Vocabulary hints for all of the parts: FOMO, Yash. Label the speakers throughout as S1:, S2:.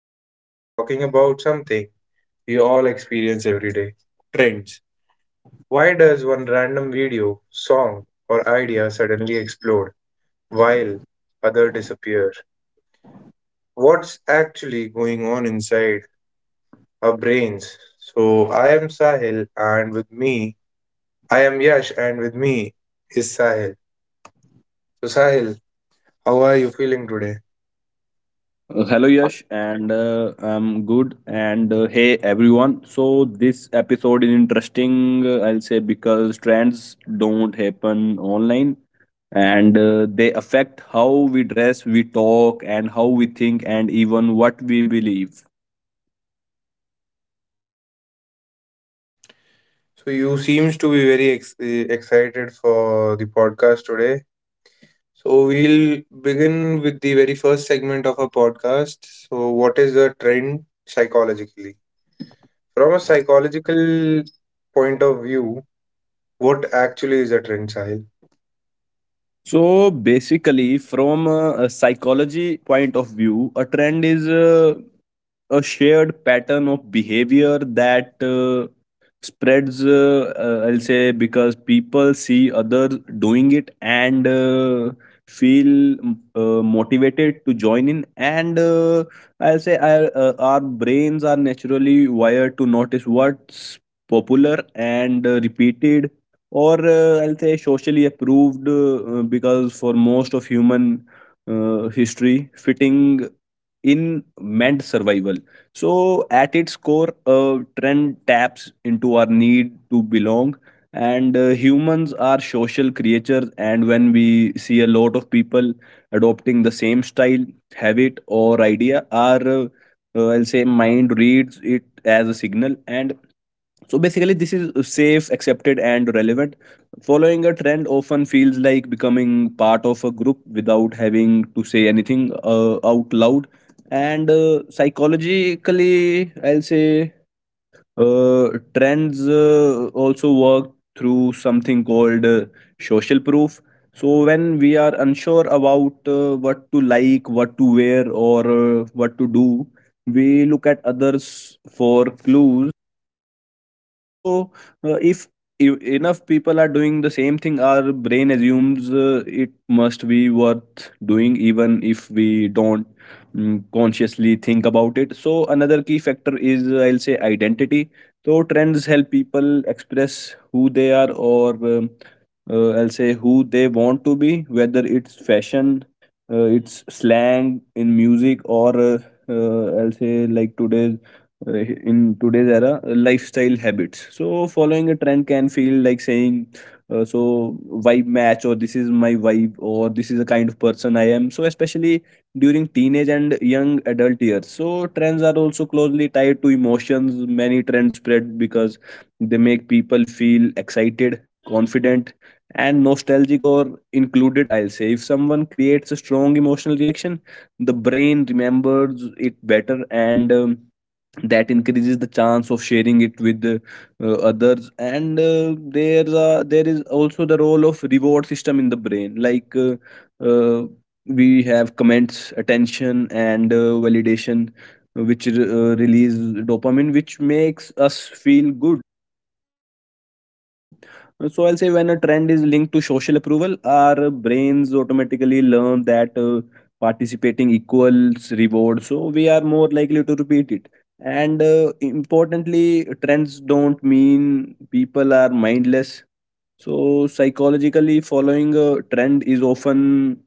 S1: Today, we are talking about something we all experience every day, trends. Why does one random video, song, or idea suddenly explode while other disappear? What's actually going on inside our brains? So, I am Sahil, and with me, I am Yash, and with me is Sahil. So, Sahil, how are you feeling today?
S2: Hello Yash, and I'm good. And hey everyone. So this episode is interesting. I'll say because trends don't happen online, and they affect how we dress, we talk, and how we think, and even what we believe.
S1: So you seems to be very excited for the podcast today. So we'll begin with the very first segment of our podcast. So what is the trend psychologically? From a psychological point of view, what actually is a trend, Sahil?
S2: So basically, from a psychology point of view, a trend is a shared pattern of behavior that spreads I'll say because people see others doing it and feel motivated to join in, and I'll say our brains are naturally wired to notice what's popular and repeated or I'll say socially approved, because for most of human history, fitting in meant survival. So, at its core, a trend taps into our need to belong. And humans are social creatures, and when we see a lot of people adopting the same style, habit, or idea, our I'll say, mind reads it as a signal. And so, basically, this is safe, accepted, and relevant. Following a trend often feels like becoming part of a group without having to say anything out loud. And psychologically, I'll say trends also work through something called social proof. So when we are unsure about what to like, what to wear, or what to do, we look at others for clues. So, if enough people are doing the same thing, our brain assumes it must be worth doing, even if we don't consciously think about it. So, another key factor is, I'll say, identity. So, trends help people express who they are or I'll say who they want to be, whether it's fashion, it's slang in music, or I'll say like today's in today's era, lifestyle habits. So following a trend can feel like saying uh, so vibe match, or this is my vibe, or this is the kind of person I am. So especially during teenage and young adult years, so trends are also closely tied to emotions. Many trends spread because they make people feel excited, confident, and nostalgic or included. I'll say if someone creates a strong emotional reaction, the brain remembers it better, and that increases the chance of sharing it with others. And there is also the role of reward system in the brain, like uh, we have comments, attention, and validation, which release dopamine, which makes us feel good. So, so I'll say when a trend is linked to social approval, our brains automatically learn that participating equals reward. So we are more likely to repeat it. And importantly, trends don't mean people are mindless. So psychologically, following a trend is often,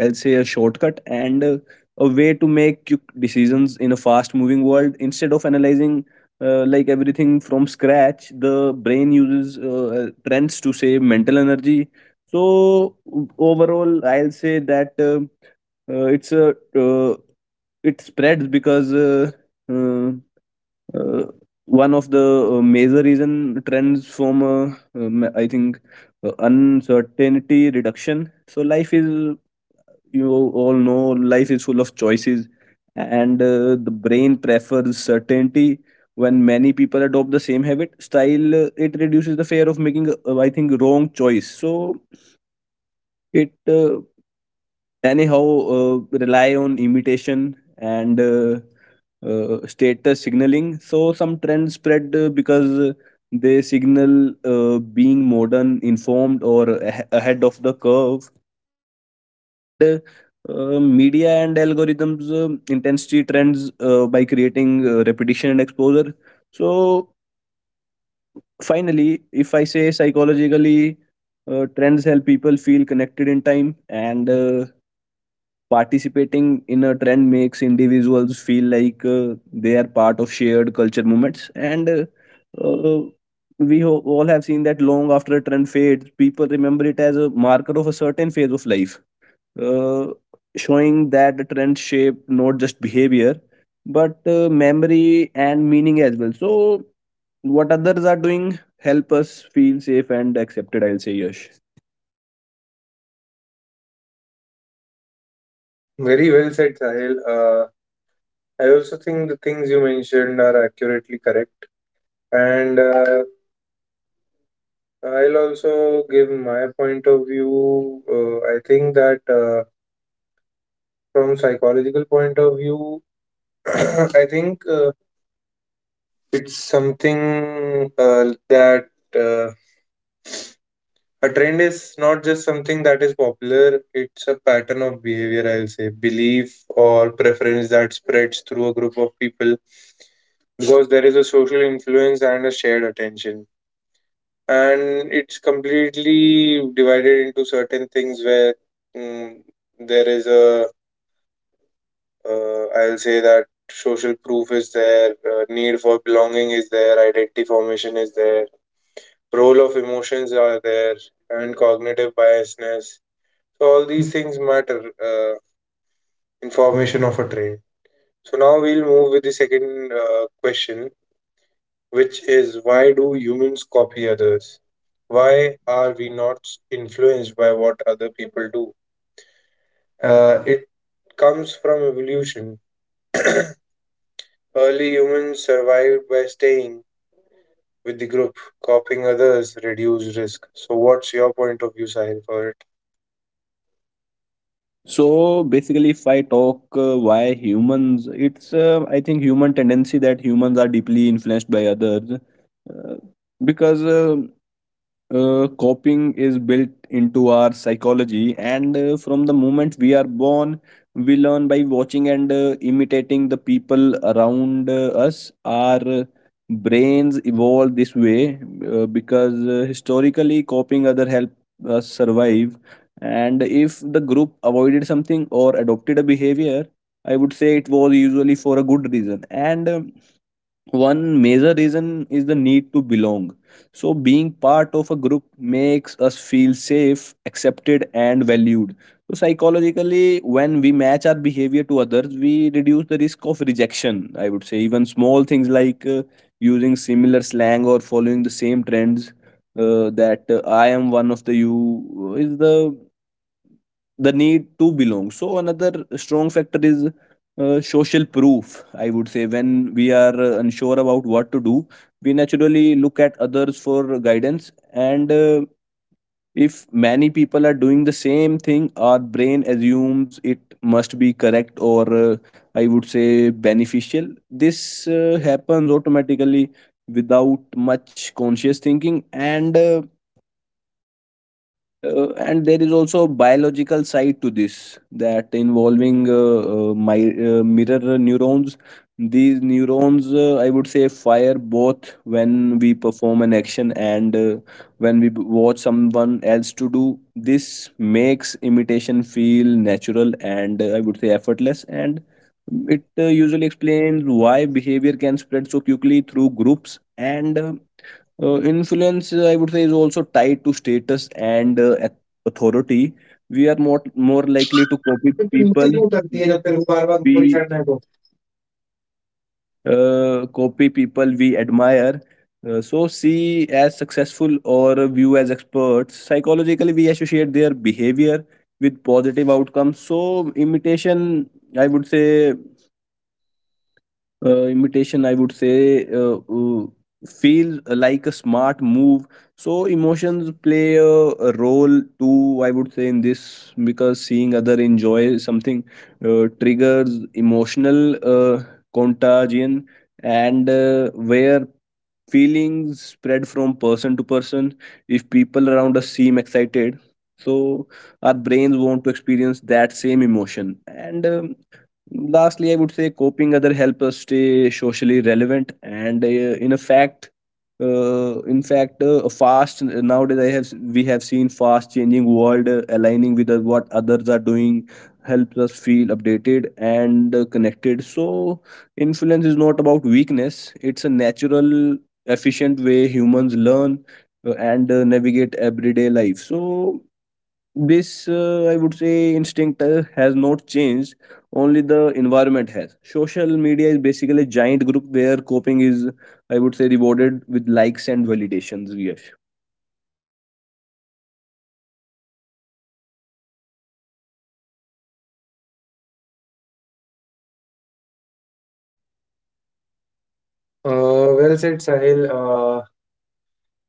S2: I'll say, a shortcut and a way to make quick decisions in a fast moving world. Instead of analyzing like everything from scratch, the brain uses trends to save mental energy. So overall, I'll say that uh, it's a uh, it spreads because uh, uh, one of the major reason trends from I think uncertainty reduction. So life is, you all know, life is full of choices, and the brain prefers certainty. When many people adopt the same habit style, it reduces the fear of making, I think, wrong choice. So it anyhow uh, rely on imitation and status signaling. So some trends spread because they signal being modern, informed, or ahead of the curve. And media and algorithms intensity trends by creating repetition and exposure. So finally, if I say psychologically, trends help people feel connected in time, and participating in a trend makes individuals feel like they are part of shared culture movements. And uh, all have seen that long after a trend fades, people remember it as a marker of a certain phase of life, uh, showing that the trends shape not just behavior but memory and meaning as well. So what others are doing help us feel safe and accepted, I'll say, Yash.
S1: Very well said, Sahil. I also think the things you mentioned are accurately correct. And I'll also give my point of view. I think that from psychological point of view, I think it's something that uh, a trend is not just something that is popular, it's a pattern of behavior, I'll say, belief or preference that spreads through a group of people because there is a social influence and a shared attention. And it's completely divided into certain things where mm, there is a, I'll say that social proof is there, need for belonging is there, identity formation is there, role of emotions are there, and cognitive biasness. So all these things matter in formation of a trait. So now we'll move with the second question, which is why do humans copy others? Why are we not influenced by what other people do? It comes from evolution. Early humans survived by staying with the group. Copying others reduced risk. So what's your point of view, Sahil, for it?
S2: So basically, if I talk why humans, it's I think human tendency that humans are deeply influenced by others, uh, because coping is built into our psychology. And from the moment we are born, we learn by watching and imitating the people around us. Our brains evolved this way because historically, copying other help us survive. And if the group avoided something or adopted a behavior, I would say it was usually for a good reason. And one major reason is the need to belong. So, being part of a group makes us feel safe, accepted, and valued. So, psychologically, when we match our behavior to others, we reduce the risk of rejection. I would say, even small things like using similar slang or following the same trends, that I am one of the you, is the need to belong. So another strong factor is social proof, I would say. When we are unsure about what to do, we naturally look at others for guidance. And if many people are doing the same thing, our brain assumes it must be correct or, I would say, beneficial. This happens automatically without much conscious thinking. And uh, uh, and there is also a biological side to this that involving my mirror neurons. These neurons, I would say, fire both when we perform an action and when we watch someone else to do. This makes imitation feel natural and, I would say, effortless. And it usually explains why behavior can spread so quickly through groups. And influence, I would say, is also tied to status and authority. We are more likely to copy
S1: तो नीचे
S2: people
S1: क्यों करती है जब तेरे को बार-बार ऊपर ही
S2: we
S1: चढ़ना है तो?
S2: admire. See as successful or view as experts. Psychologically, we associate their behavior with positive outcomes. So imitation, I would say, uh, imitation i would say uh, uh, feel like a smart move. So emotions play a role too, I would say, in this, because seeing other enjoy something triggers emotional uh, contagion, and where feelings spread from person to person. If people around us seem excited, so our brains want to experience that same emotion. And lastly, I would say, coping other help us stay socially relevant. And in fact, a fast nowadays I have we have seen fast changing world. Aligning with what others are doing helps us feel updated and connected. So influence is not about weakness; it's a natural, efficient way humans learn, and navigate everyday life. So this, I would say, instinct has not changed, only the environment has. Social media is basically a giant group where coping is, I would say, rewarded with likes and validations, yes.
S1: Well said, Sahil.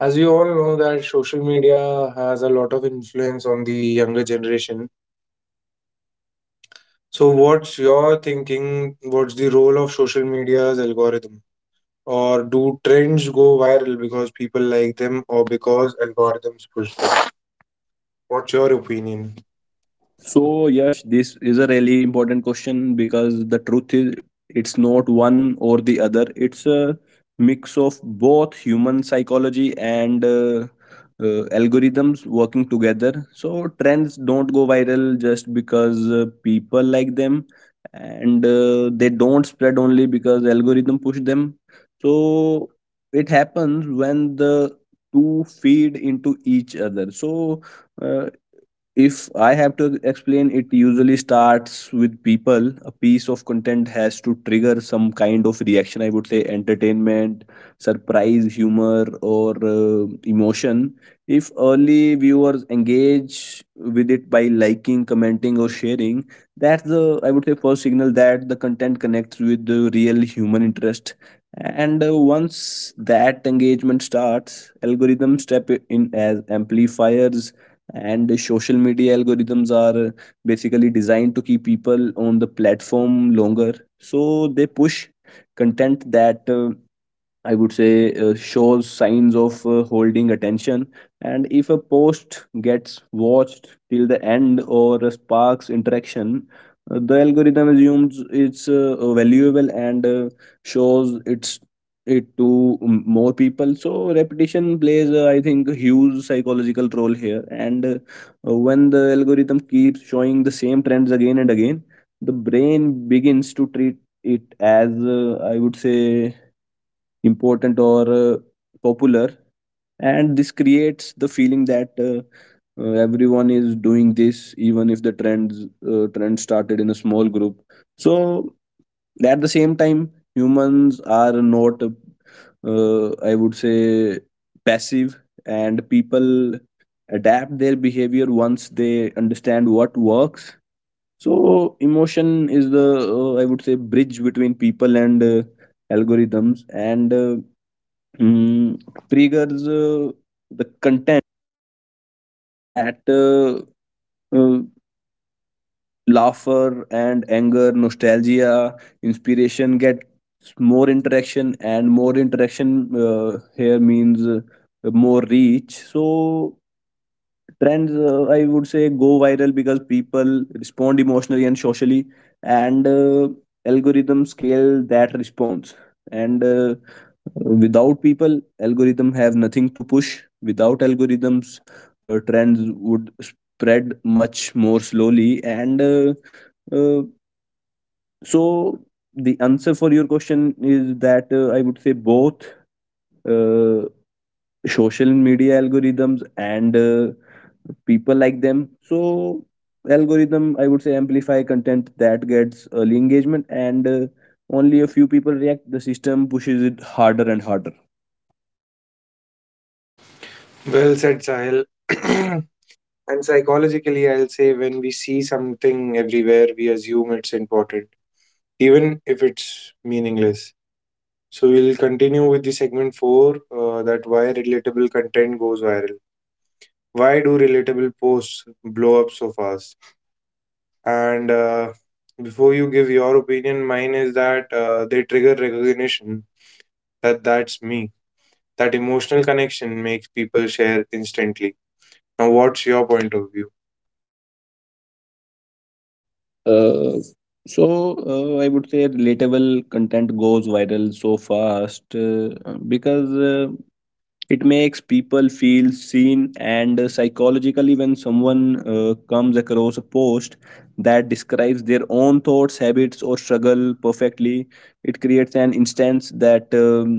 S1: As we all know that social media has a lot of influence on the younger generation. So what's your thinking? What's the role of social media's algorithm? Or do trends go viral because people like them or because algorithms push them? What's your opinion?
S2: So, Yash, this is a really important question because the truth is it's not one or the other. It's a mix of both human psychology and algorithms working together. So, trends don't go viral just because people like them, and they don't spread only because algorithm push them. So, it happens when the two feed into each other. So, uh, if I have to explain, it usually starts with people. A piece of content has to trigger some kind of reaction, I would say, entertainment, surprise, humor, or emotion. If early viewers engage with it by liking, commenting, or sharing, that's the, I would say, first signal that the content connects with the real human interest. And once that engagement starts, algorithms step in as amplifiers. And the social media algorithms are basically designed to keep people on the platform longer, so they push content that I would say shows signs of holding attention. And if a post gets watched till the end or sparks interaction, the algorithm assumes it's valuable and shows it's it to more people. So repetition plays, I think, a huge psychological role here. And When the algorithm keeps showing the same trends again and again, the brain begins to treat it as I would say important or popular, and this creates the feeling that everyone is doing this even if the trends trend started in a small group. So at the same time, humans are not I would say passive, and people adapt their behavior once they understand what works. So emotion is the I would say bridge between people and algorithms. and uh, Mm, Pretty girls, the content that uh, laughter and anger, nostalgia, inspiration gets more interaction, and more interaction here means more reach. So trends I would say go viral because people respond emotionally and socially, and algorithm scale that response. And Without people, algorithm have nothing to push. Without algorithms, trends would spread much more slowly and uh, so The answer for your question is that I would say both uh, social media algorithms and people like them. So algorithm, I would say amplify content that gets early engagement, and only a few people react, the system pushes it harder and harder.
S1: Well said, Sahil. And psychologically, I'll say when we see something everywhere, we assume it's important, even if it's meaningless. So we'll continue with the segment four, that why relatable content goes viral. Why do relatable posts blow up so fast? And before you give your opinion, mine is that they trigger recognition, that that's me. That emotional connection makes people share instantly. Now, what's your point of view?
S2: uh, so I would say Relatable content goes viral so fast because it makes people feel seen. And psychologically, when someone comes across a post that describes their own thoughts, habits, or struggle perfectly, it creates an instance that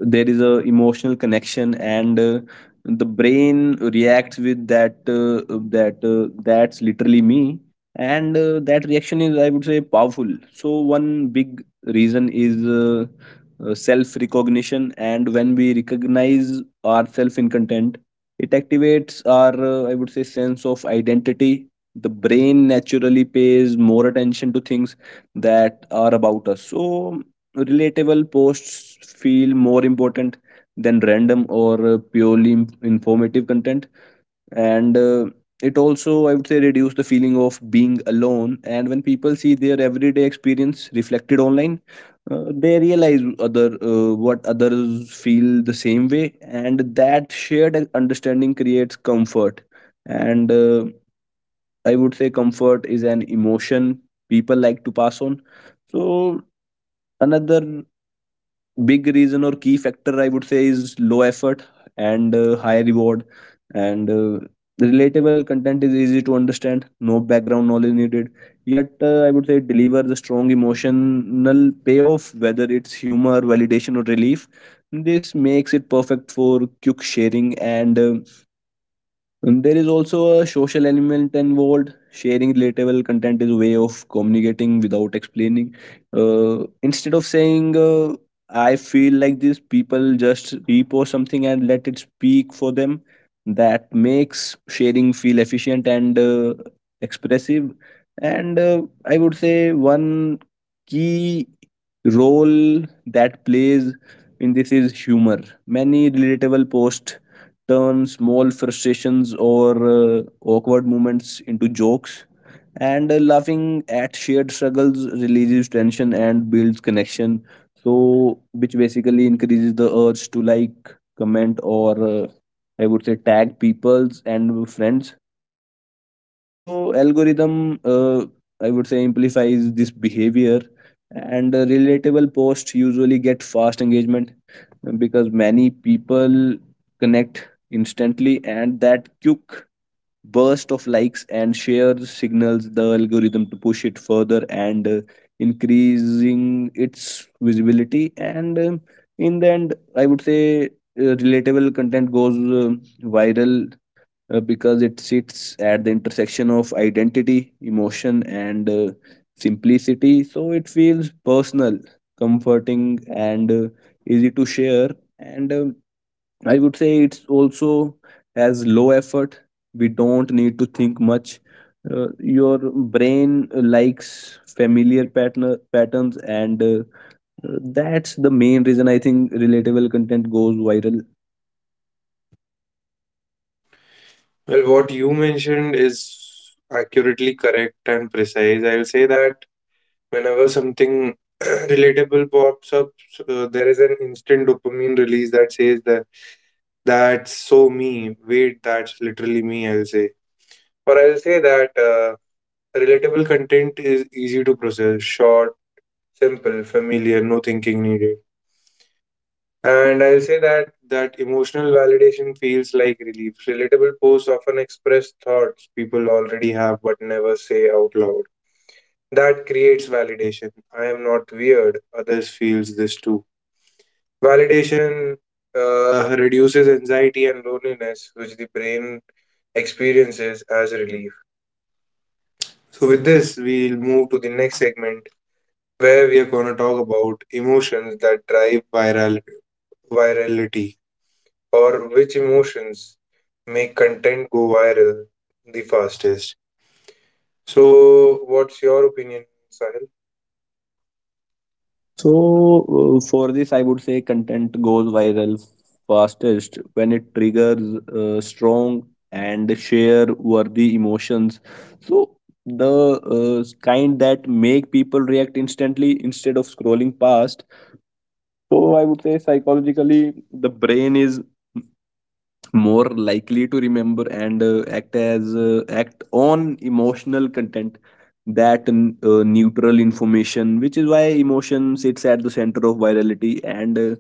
S2: there is a emotional connection. And the brain reacts with "That's literally me." And that reaction is, I would say powerful. So one big reason is self recognition, and when we recognize ourselves in content, it activates our I would say sense of identity. The brain naturally pays more attention to things that are about us, so relatable posts feel more important than random or purely informative content. And it also, I would say reduce the feeling of being alone. And when people see their everyday experience reflected online, they realize other what others feel the same way, and that shared understanding creates comfort. And I would say comfort is an emotion people like to pass on. So another big reason or key factor, I would say is low effort and high reward. And Relatable content is easy to understand, no background knowledge needed, yet I would say it delivers a strong emotional payoff, whether it's humor, validation, or relief. This makes it perfect for quick sharing. And there is also a social element involved. Sharing relatable content is a way of communicating without explaining. Instead of saying, "I feel like this," people just repost something and let it speak for them. That makes sharing feel efficient and expressive. And I would say one key role that plays in this is humor. Many relatable posts turn small frustrations or awkward moments into jokes. And laughing at shared struggles releases tension and builds connection. So, which basically increases the urge to like, comment, or I would say tag peoples and friends. So algorithm, I would say, amplifies this behavior, and relatable posts usually get fast engagement because many people connect instantly, and that quick burst of likes and shares signals the algorithm to push it further and increasing its visibility. And in the end, I would say relatable content goes viral because it sits at the intersection of identity, emotion, and simplicity. So it feels personal, comforting, and easy to share. And I would say it's also has low effort. We don't need to think much. Your brain likes familiar pattern patterns, and that's the main reason I think relatable content goes viral.
S1: Well, what you mentioned is accurately correct and precise. I'll say that whenever something relatable pops up, there is an instant dopamine release that says that that's so me. Wait, that's literally me, I'll say. Or I'll say that relatable content is easy to process, short, simple, familiar, no thinking needed. And I'll say that that emotional validation feels like relief. Relatable posts often express thoughts people already have but never say out loud. That creates validation. I am not weird. Others feels this too. Validation reduces anxiety and loneliness, which the brain experiences as relief. So with this, we'll move to the next segment where we are going to talk about emotions that drive virality, or which emotions make content go viral the fastest. So what's your opinion, Sahil?
S2: For this, I would say content goes viral fastest when it triggers strong and share worthy emotions. So the kind that make people react instantly instead of scrolling past. So I would say psychologically, the brain is more likely to remember and act on emotional content that n- neutral information, which is why emotion sits at the center of virality. And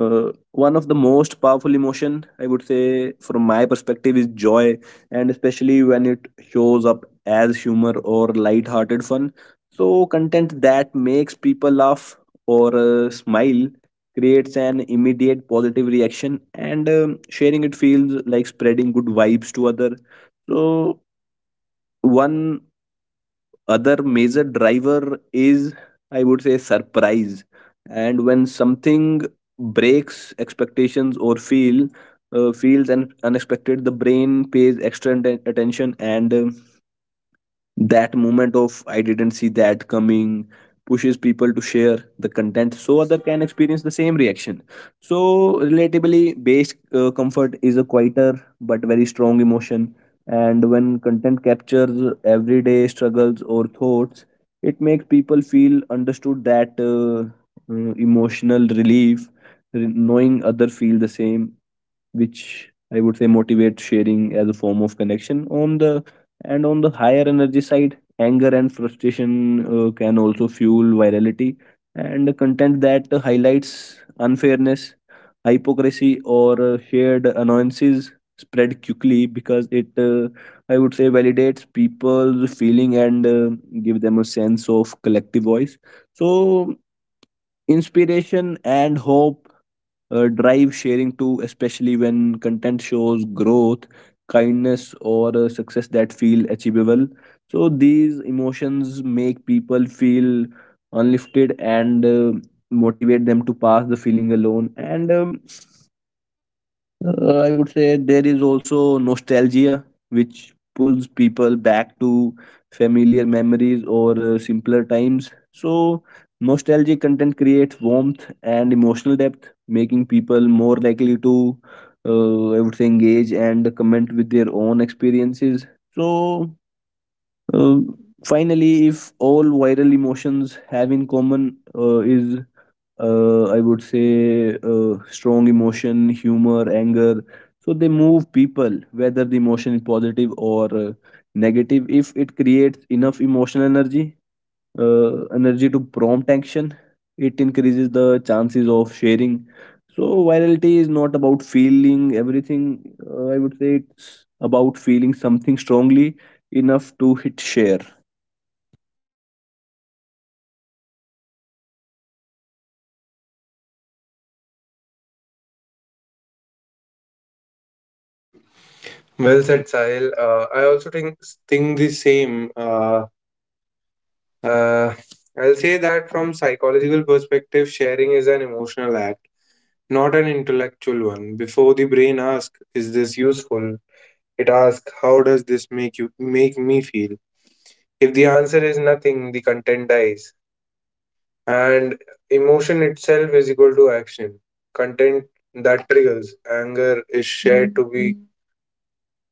S2: One of the most powerful emotion, I would say from my perspective, is joy, and especially when it shows up as humor or light-hearted fun. So content that makes people laugh or smile creates an immediate positive reaction, and sharing it feels like spreading good vibes to other. So one other major driver is, I would say surprise. And when something breaks expectations or feels unexpected, the brain pays extra attention, and that moment of "I didn't see that coming" pushes people to share the content so other can experience the same reaction. So relatively based comfort is a quieter but very strong emotion. And when content captures everyday struggles or thoughts, it makes people feel understood, that emotional relief, knowing other feel the same, which I would say motivates sharing as a form of connection. On the higher energy side, anger and frustration can also fuel virality, and content that highlights unfairness, hypocrisy, or shared annoyances spread quickly because it, I would say, validates people's feeling, and give them a sense of collective voice. So inspiration and hope drive sharing too, especially when content shows growth, kindness, or success that feel achievable. So these emotions make people feel unlifted and motivate them to pass the feeling alone. And I would say there is also nostalgia, which pulls people back to familiar memories or simpler times. So, nostalgic content creates warmth and emotional depth, making people more likely to, I would say, engage and comment with their own experiences. So, uh, finally, if all viral emotions have in common is, I would say, strong emotion, humor, anger. So they move people, whether the emotion is positive or negative. If it creates enough emotional energy, energy to prompt action, it increases the chances of sharing. So virality is not about feeling everything. I would say it's about feeling something strongly enough to hit share.
S1: Well said, Sahil. I also think the same. Uh, I'll say that from psychological perspective, sharing is an emotional act, not an intellectual one. Before the brain asks, "Is this useful?" It asks, "How does this make me feel?" If the answer is nothing, the content dies, and emotion itself is equal to action. Content that triggers anger is shared to be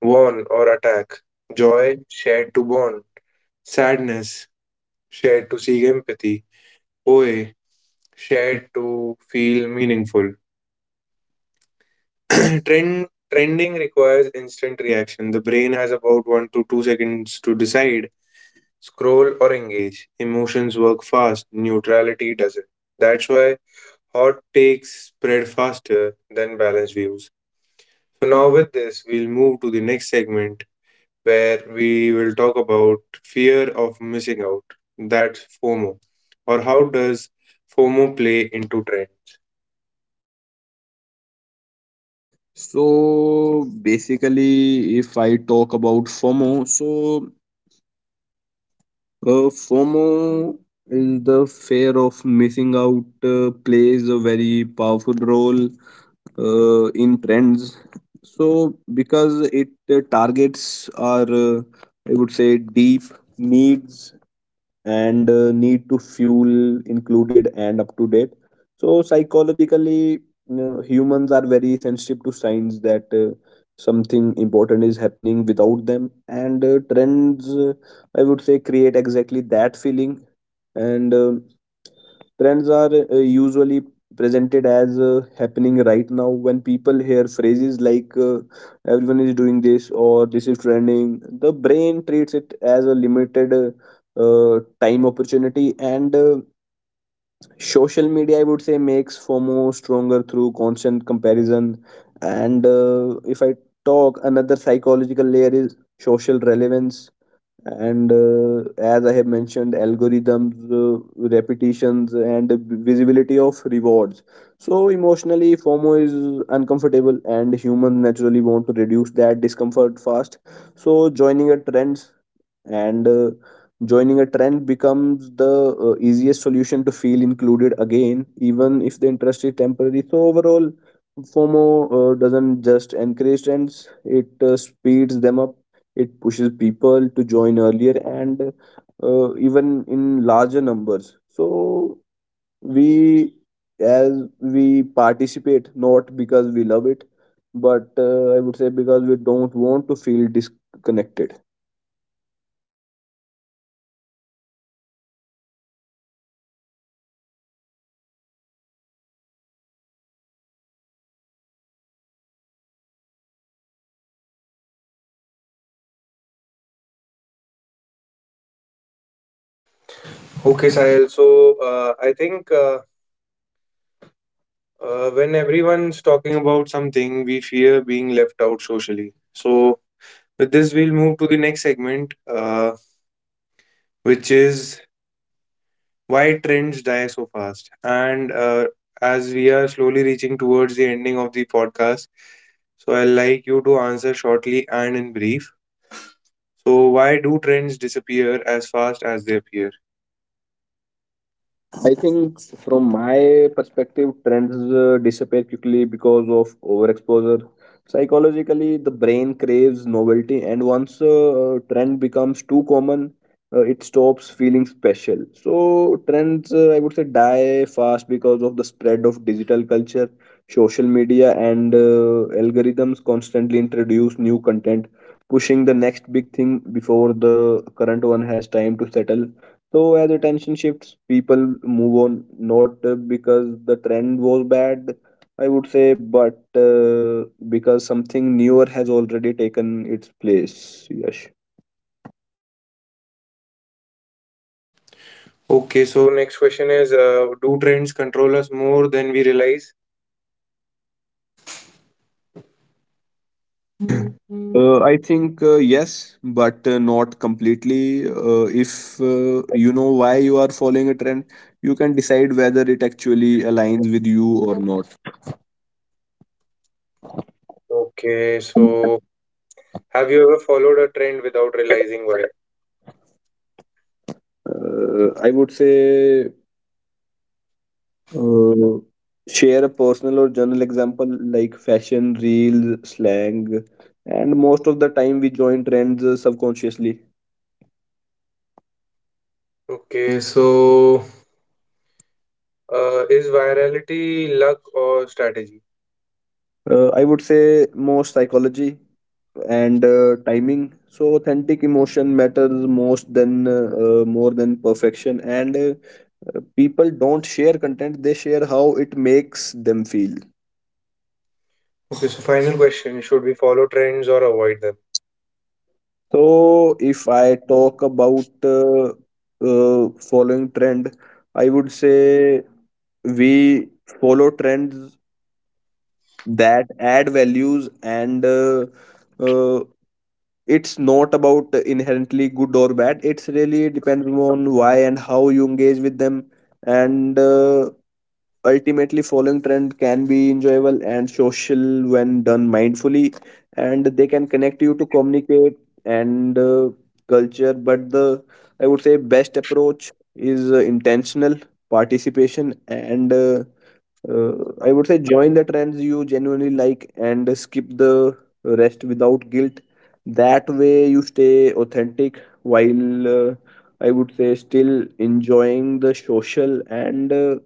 S1: warn or attack. Joy shared to bond. Sadness shared to seek empathy. Oe shared to feel meaningful. Trend Trending requires instant reaction. The brain has about 1 to 2 seconds to decide, scroll or engage. Emotions work fast. Neutrality doesn't. That's why hot takes spread faster than balanced views. So now with this, we'll move to the next segment where we will talk about fear of missing out. That's FOMO, or how does FOMO play into trend?
S2: So basically, if I talk about FOMO, so FOMO is the fear of missing out, plays a very powerful role in trends, so because it targets our I would say deep needs and need to fuel included and up to date. So psychologically, you humans are very sensitive to signs that something important is happening without them. And trends I would say create exactly that feeling. And Trends are usually presented as happening right now. When people hear phrases like "everyone is doing this" or "this is trending," the brain treats it as a limited time opportunity. And social media, I would say makes FOMO stronger through constant comparison. And if I talk Another psychological layer is social relevance, and as I have mentioned, algorithms, repetitions and visibility of rewards. So emotionally, FOMO is uncomfortable, and humans naturally want to reduce that discomfort fast. So joining a trends and uh, joining a trend becomes the easiest solution to feel included again, even if the interest is temporary. So overall, FOMO doesn't just encourage trends, it speeds them up. It pushes people to join earlier and even in larger numbers. So we as we participate, not because we love it, but I would say because we don't want to feel disconnected.
S1: Okay, Sahil. So I think when everyone's talking about something, we fear being left out socially. So with this, we'll move to the next segment, which is why trends die so fast. And As we are slowly reaching towards the ending of the podcast, so I'd like you to answer shortly and in brief. So, why do trends disappear as fast as they appear?
S2: I think from my perspective, trends disappear quickly because of overexposure. Psychologically, the brain craves novelty, and once a trend becomes too common, it stops feeling special. So, trends, I would say, die fast because of the spread of digital culture, social media, and algorithms constantly introduce new content, pushing the next big thing before the current one has time to settle. So as attention shifts, people move on, not because the trend was bad, I would say, but because something newer has already taken its place. Yes.
S1: Okay, so next question is, do trends control us more than we realize?
S2: I think yes, but not completely. If you know why you are following a trend, you can decide whether it actually aligns with you or not.
S1: Okay, so have you ever followed a trend without realizing why?
S2: I would say Uh, share a personal or journal example like fashion, reels, slang, and most of the time we join trends subconsciously.
S1: Okay, so is virality luck or strategy?
S2: I would say more psychology and timing. So authentic emotion matters most than more than perfection. And People don't share content; they share how it makes them feel.
S1: Okay, so final question. Should we follow trends or avoid them?
S2: So, if I talk about following trend, I would say we follow trends that add values, and uh, it's not about inherently good or bad, it's really depending on why and how you engage with them. And ultimately, following trend can be enjoyable and social when done mindfully, and they can connect you to communicate and culture. But the, I would say best approach is intentional participation, and uh, I would say join the trends you genuinely like and skip the rest without guilt. That way, you stay authentic while I would say still enjoying the social and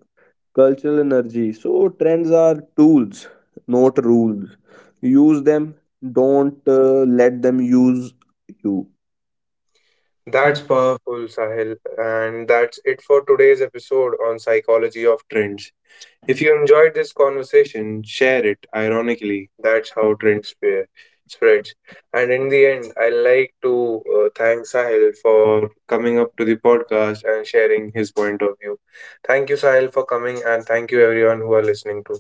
S2: cultural energy. So, trends are tools, not rules. Use them, don't let them use you.
S1: That's powerful, Sahil. And that's it for today's episode on psychology of trends. If you enjoyed this conversation, share it. Ironically, that's how spreads. And in the end, I like to thank Sahil for coming up to the podcast and sharing his point of view. Thank you, Sahil, for coming, and thank you everyone who are listening to.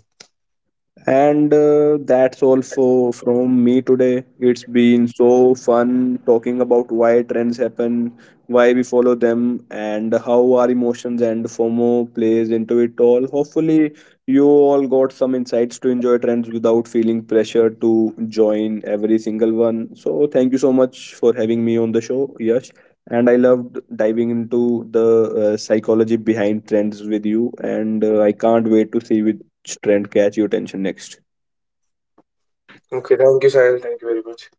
S2: And that's all for from me today. It's been so fun talking about why trends happen, why we follow them, and how our emotions and FOMO plays into it all. Hopefully, you all got some insights to enjoy trends without feeling pressure to join every single one. So, thank you so much for having me on the show, Yash. And I loved diving into the psychology behind trends with you, and I can't wait to see with trend catch your attention next?
S1: Okay, thank you, Sahil. Thank you very much.